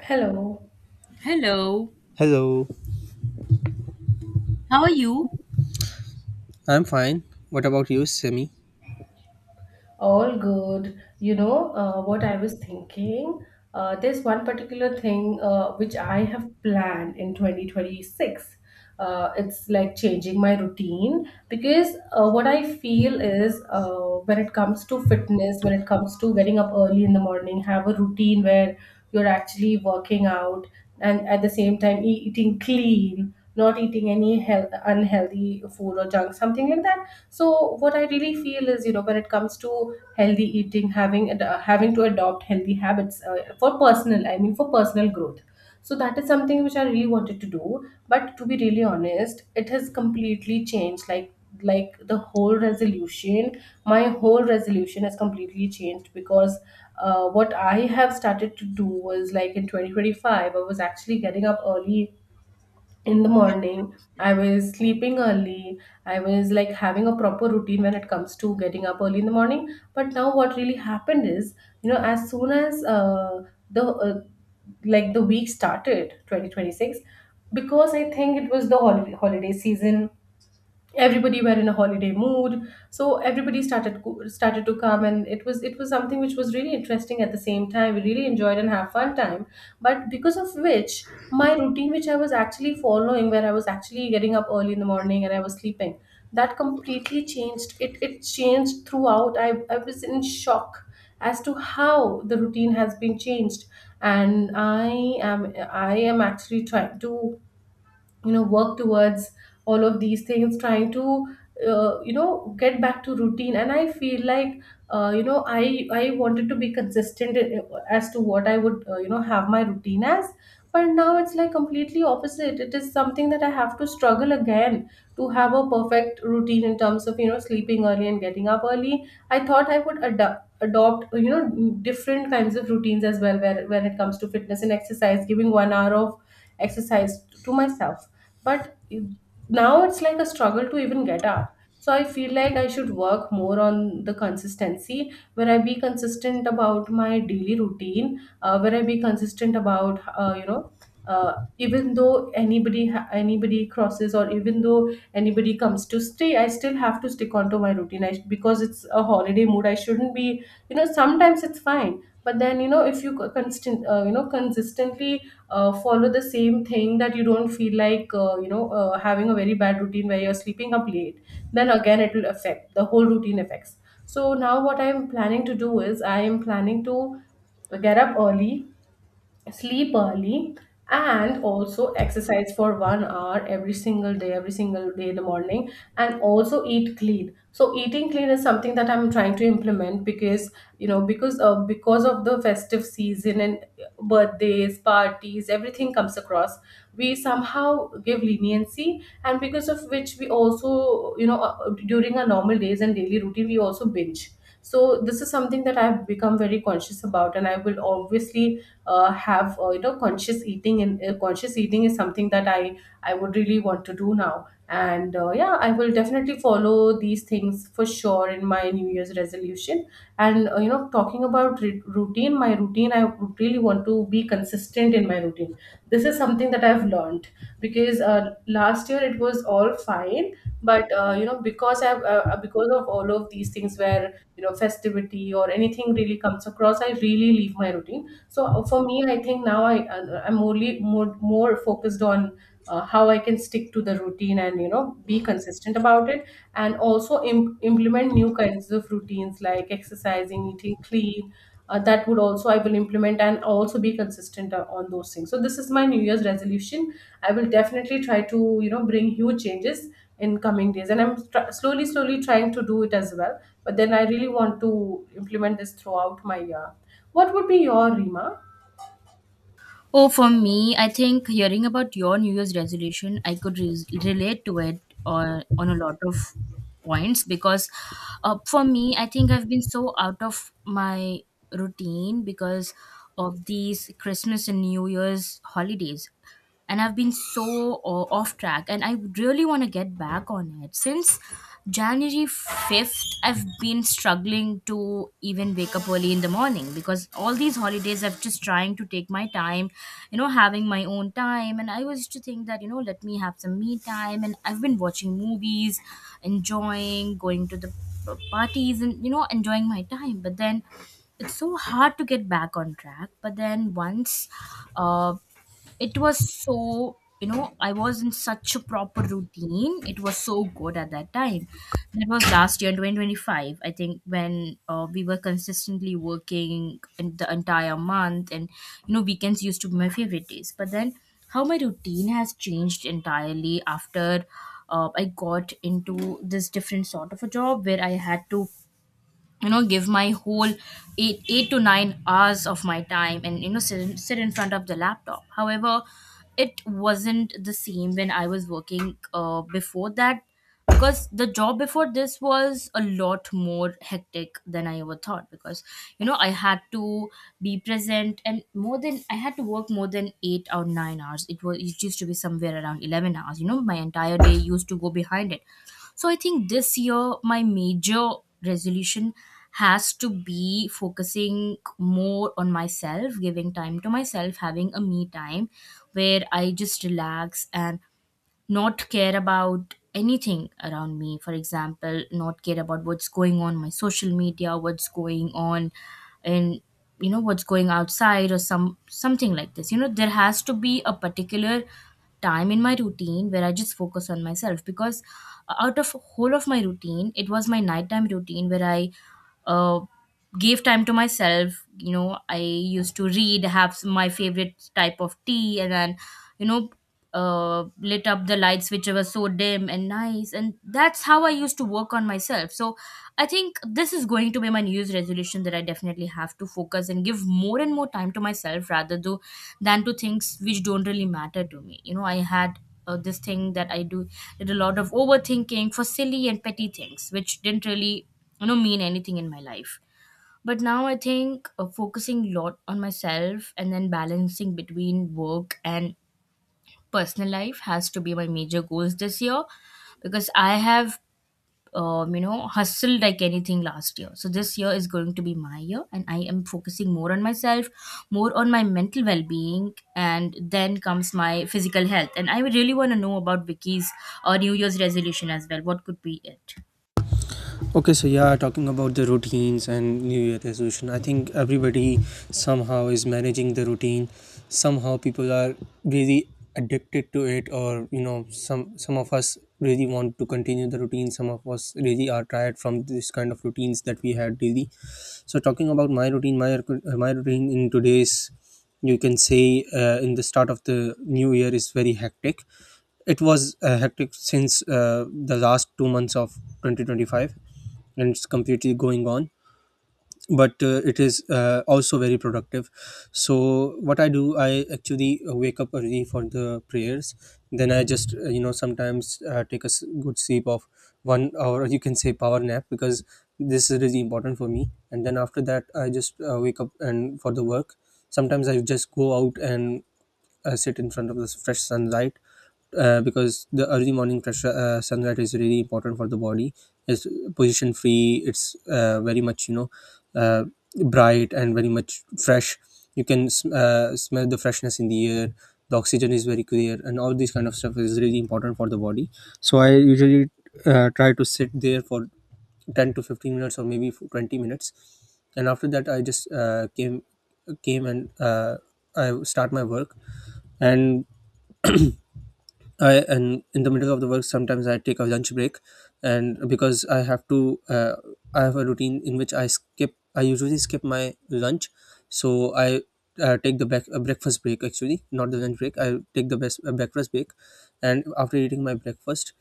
Hello, Hello, Hello, how are you? I'm fine. What about you, Semi? all good. You know, what I was thinking, there's one particular thing which I have planned in 2026. It's like changing my routine because what I feel is when it comes to fitness, when it comes to getting up early in the morning, have a routine where you're actually working out and at the same time eating clean, not eating any unhealthy food or junk, something like that. So what I really feel is, you know, when it comes to healthy eating, having having to adopt healthy habits for personal I mean for personal growth. So that is something which I really wanted to do, but to be really honest, it has completely changed, like the whole resolution my whole resolution has completely changed. Because what I have started to do was, like, in 2025 I was actually getting up early in the morning, I was sleeping early, I was like having a proper routine when it comes to getting up early in the morning. But now what really happened is, you know, as soon as the uh, like the week started 2026, because I think it was the holiday season, everybody were in a holiday mood, so everybody started to come, and it was something which was really interesting. At the same time, we really enjoyed and have fun time. But because of which my routine, which I was actually following, where I was actually getting up early in the morning and I was sleeping, that completely changed. It changed throughout. I was in shock as to how the routine has been changed. And I am actually trying to, you know, work towards all of these things, trying to you know, get back to routine. And I feel like you know, I wanted to be consistent as to what I would, you know, have my routine as. But now it's like completely opposite. It is something that I have to struggle again to have a perfect routine in terms of, you know, sleeping early and getting up early. I thought I would adapt adopt, you know, different kinds of routines as well, where, when it comes to fitness and exercise, giving 1 hour of exercise to myself. but it- Now it's like a struggle to even get up. So I feel like I should work more on the consistency, where I be consistent about my daily routine, where I be consistent about, you know, uh, even though anybody crosses, or even though anybody comes to stay, I still have to stick onto my routine. Because it's a holiday mood, I shouldn't be, you know, sometimes it's fine, but then, you know, if you co- constant you know, consistently follow the same thing, that you don't feel like, you know, having a very bad routine where you're sleeping up late, then again it will affect the whole routine affects. So now what I'm planning to do is, I am planning to get up early, sleep early, and also exercise for 1 hour every single day, in the morning, and also eat clean. So eating clean is something that I'm trying to implement, because, you know, because of the festive season and birthdays parties, everything comes across, we somehow give leniency, and because of which we also, you know, during our normal days and daily routine we also binge. So this is something that I've become very conscious about, and I will obviously have, you know, conscious eating. And conscious eating is something that I would really want to do now. And yeah, I will definitely follow these things for sure in my new year's resolution. And you know, talking about routine, my routine, I would really want to be consistent in my routine. This is something that I've learned. Because last year it was all fine, but you know, because I've because of all of these things where, you know, festivity or anything really comes across, I really leave my routine. So for me, I think now I'm only more focused on how I can stick to the routine and, you know, be consistent about it. And also implement new kinds of routines like exercising, eating clean. That would also, I will implement, and also be consistent on those things. So this is my new year's resolution. I will definitely try to, you know, bring huge changes in coming days, and I'm slowly slowly trying to do it as well. But then I really want to implement this throughout my year. What would be your, Rima? Oh, for me, I think hearing about your New Year's resolution, I could relate to it or on a lot of points because for me, I think I've been so out of my routine because of these Christmas and New Year's holidays. And I've been so off track and I really want to get back on it. Since January 5th, I've been struggling to even wake up early in the morning because all these holidays I've just trying to take my time, you know, having my own time. And I was to think that, you know, let me have some me time. And I've been watching movies, enjoying, going to the parties and, you know, enjoying my time. But then it's so hard to get back on track. But then once uh, it was so, you know, I was in such a proper routine. It was so good at that time. That was last year in 2025, I think, when we were consistently working in the entire month. And you know, weekends used to be my favorite days, but then how my routine has changed entirely after I got into this different sort of a job where I had to, you know, give my whole 8 to 9 hours of my time and, you know, sit in front of the laptop. However, it wasn't the same when I was working before that, because the job before this was a lot more hectic than I ever thought. Because you know, I had to be present and more than I had to work more than 8 or 9 hours. It was, it used to be somewhere around 11 hours. You know, my entire day used to go behind it. So I think this year my major resolution has to be focusing more on myself, giving time to myself, having a me time where I just relax and not care about anything around me. For example, not care about what's going on my social media, what's going on and, you know, what's going outside or some something like this. You know, there has to be a particular time in my routine where I just focus on myself. Because out of whole of my routine, it was my nighttime routine where I uh, gave time to myself. You know, I used to read, have my favorite type of tea and then you know, lit up the lights which were so dim and nice, and that's how I used to work on myself. So I think this is going to be my new year's resolution, that I definitely have to focus and give more and more time to myself rather though than to things which don't really matter to me. You know, I had this thing that I do did a lot of overthinking for silly and petty things which didn't really, you know, mean anything in my life. But now I think focusing a lot on myself and then balancing between work and personal life has to be my major goals this year. Because I have you know, hustled like anything last year. So this year is going to be my year and I am focusing more on myself, more on my mental well-being, and then comes my physical health. And I would really want to know about Vicky's New Year's resolution as well. What could be it? Okay, so yeah, talking about the routines and New Year resolution, I think everybody somehow is managing the routine. Somehow people are really addicted to it, or you know, some of us really want to continue the routine. Some of us really are tired from this kind of routines that we had daily. So talking about my routine, my routine in today's, you can say, in the start of the new year is very hectic. It was hectic since the last 2 months of 2025, and it's completely going on, but it is also very productive. So what I do, I actually wake up early for the prayers, then I just you know, sometimes take a good sleep of 1 hour you can say power nap, because this is really important for me. And then after that I just wake up and for the work sometimes I just go out and sit in front of the fresh sunlight, because the early morning fresh sunlight is really important for the body. It's position free. It's very much, you know, uh, bright and very much fresh. You can smell the freshness in the air. The oxygen is very clear, and all this kind of stuff is really important for the body. So I usually try to sit there for 10 to 15 minutes or maybe for 20 minutes. And after that I just came came and I start my work. And i and in the middle of the work sometimes I take a lunch break. And because I have to I have a routine in which I usually skip my lunch, so I take the back, breakfast break actually not the lunch break I take the best breakfast break. And after eating my breakfast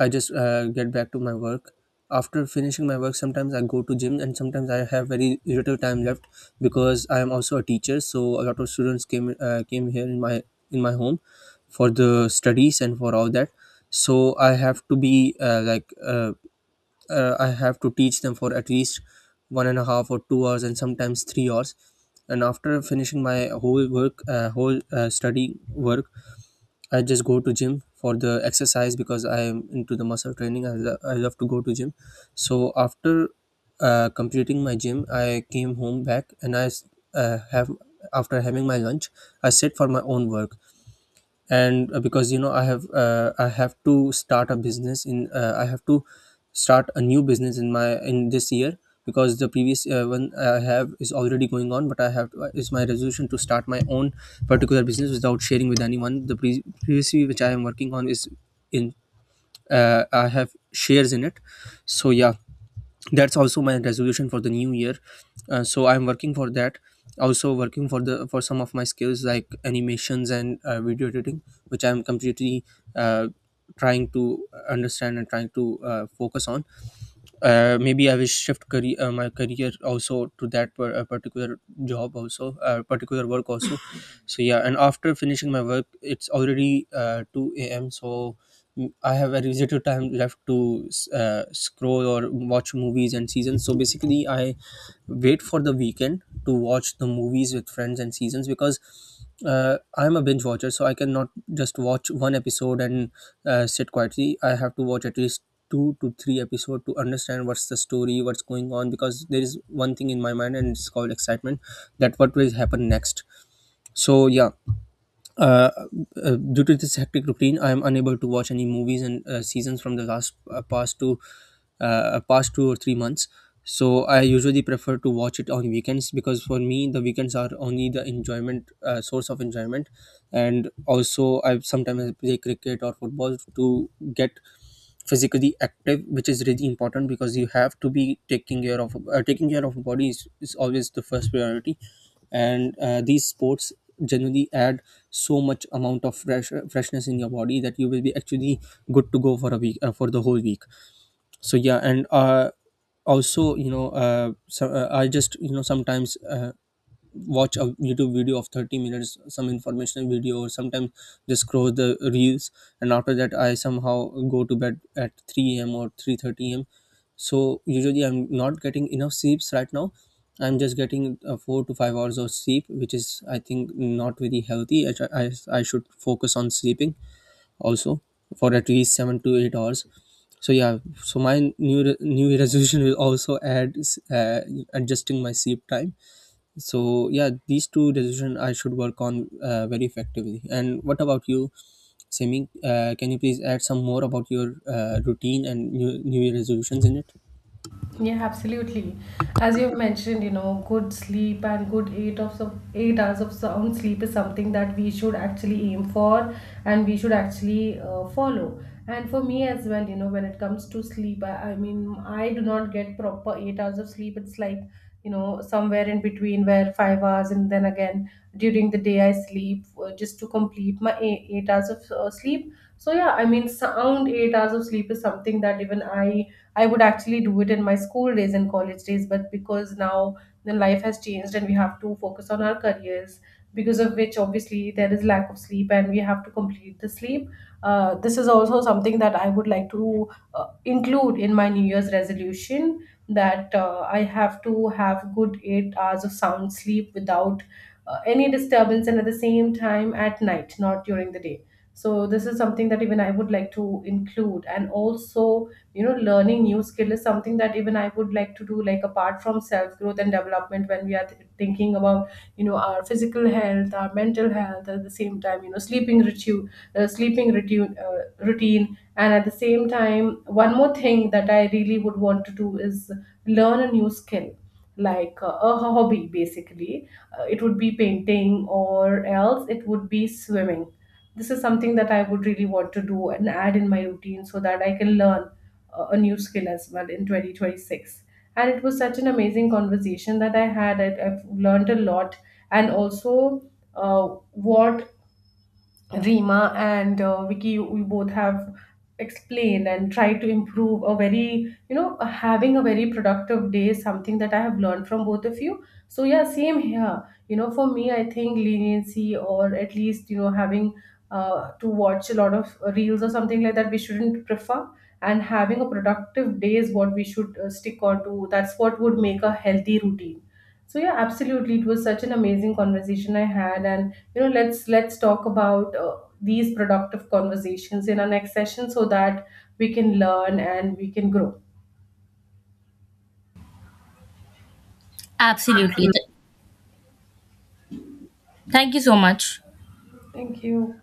I just get back to my work. After finishing my work, sometimes I go to gym, and sometimes I have very little time left because I am also a teacher. So a lot of students came here in my home, for the studies and for all that. So I have to be I have to teach them for at least one and a half or 2 hours, and sometimes 3 hours. And after finishing my whole work whole study work I just go to gym for the exercise, because I am into the muscle training. I love to go to gym. So after completing my gym I came home back, and I s- have after having my lunch I sit for my own work. And because you know, I have to start a business in, I have to start a new business in my in this year, because the previous one I have is already going on, but I have to, it's my resolution to start my own particular business without sharing with anyone. The previously which I am working on is in, I have shares in it. So yeah, that's also my resolution for the new year. So I'm working for that, also working for the for some of my skills like animations and video editing, which I'm completely uh, trying to understand and trying to focus on. Maybe I will shift career, my career also to that particular job also, particular work also. So yeah, and after finishing my work, it's already two a.m. So I have a residual time left to scroll or watch movies and seasons. So basically, I wait for the weekend to watch the movies with friends and seasons, because I'm a binge watcher, so I cannot just watch one episode and sit quietly. I have to watch at least two to three episode to understand what's the story, what's going on, because there is one thing in my mind, and it's called excitement, that what will happen next. So yeah, uh, due to this hectic routine, I am unable to watch any movies and seasons from the last past 2 or 3 months. So I usually prefer to watch it on weekends, because for me the weekends are only the enjoyment, source of enjoyment, and also I sometimes play cricket or football to get physically active, which is really important, because you have to be taking care of body is always the first priority. And these sports generally add so much amount of freshness in your body that you will be actually good to go for a week for the whole week. So yeah, and also you know so, I just you know, sometimes watch a YouTube video of 30 minutes, some informational video, or sometimes just scroll the reels. And after that I somehow go to bed at 3 a.m or 3:30 a.m, so usually I'm not getting enough sleeps right now. I'm just getting 4 to 5 hours of sleep, which is I think not very healthy. I should focus on sleeping also for at least 7 to 8 hours. So yeah, so my new resolution will also add uh, adjusting my sleep time. So yeah, these two decisions I should work on very effectively. And what about you, simi Can you please add some more about your routine and new year resolutions in it? Yeah, absolutely. As you've mentioned, you know, good sleep and good 8 hours of sound sleep is something that we should actually aim for, and we should actually follow. And for me as well, you know, when it comes to sleep, I mean, I do not get proper 8 hours of sleep. It's like, you know, somewhere in between where 5 hours, and then again during the day I sleep just to complete my 8 hours of sleep. So yeah, I mean, sound 8 hours of sleep is something that even I would actually do it in my school days and college days, but because now the life has changed and we have to focus on our careers, because of which obviously there is lack of sleep and we have to complete the sleep. This is also something that I would like to include in my new year's resolution, that I have to have good 8 hours of sound sleep without any disturbance, and at the same time at night, not during the day. So this is something that even I would like to include. And also, you know, learning new skill is something that even I would like to do, like apart from self growth and development. When we are thinking about, you know, our physical health, our mental health, at the same time, you know, sleeping ritual, sleeping routine routine, and at the same time, one more thing that I really would want to do is learn a new skill, like a hobby basically. It would be painting or else it would be swimming. This is something that I would really want to do and add in my routine, so that I can learn a new skill as well in 2026. And it was such an amazing conversation that I had. I've learned a lot. And also, what Rima and Vicky, we both have explained and tried to improve a very, you know, having a very productive day, something that I have learned from both of you. So, yeah, same here. You know, for me, I think leniency, or at least, you know, having to watch a lot of reels or something like that, we shouldn't prefer. And having a productive day is what we should stick on to. That's what would make a healthy routine. So yeah, absolutely. It was such an amazing conversation I had. And you know, let's talk about these productive conversations in our next session, so that we can learn and we can grow. Absolutely. Thank you so much. Thank you.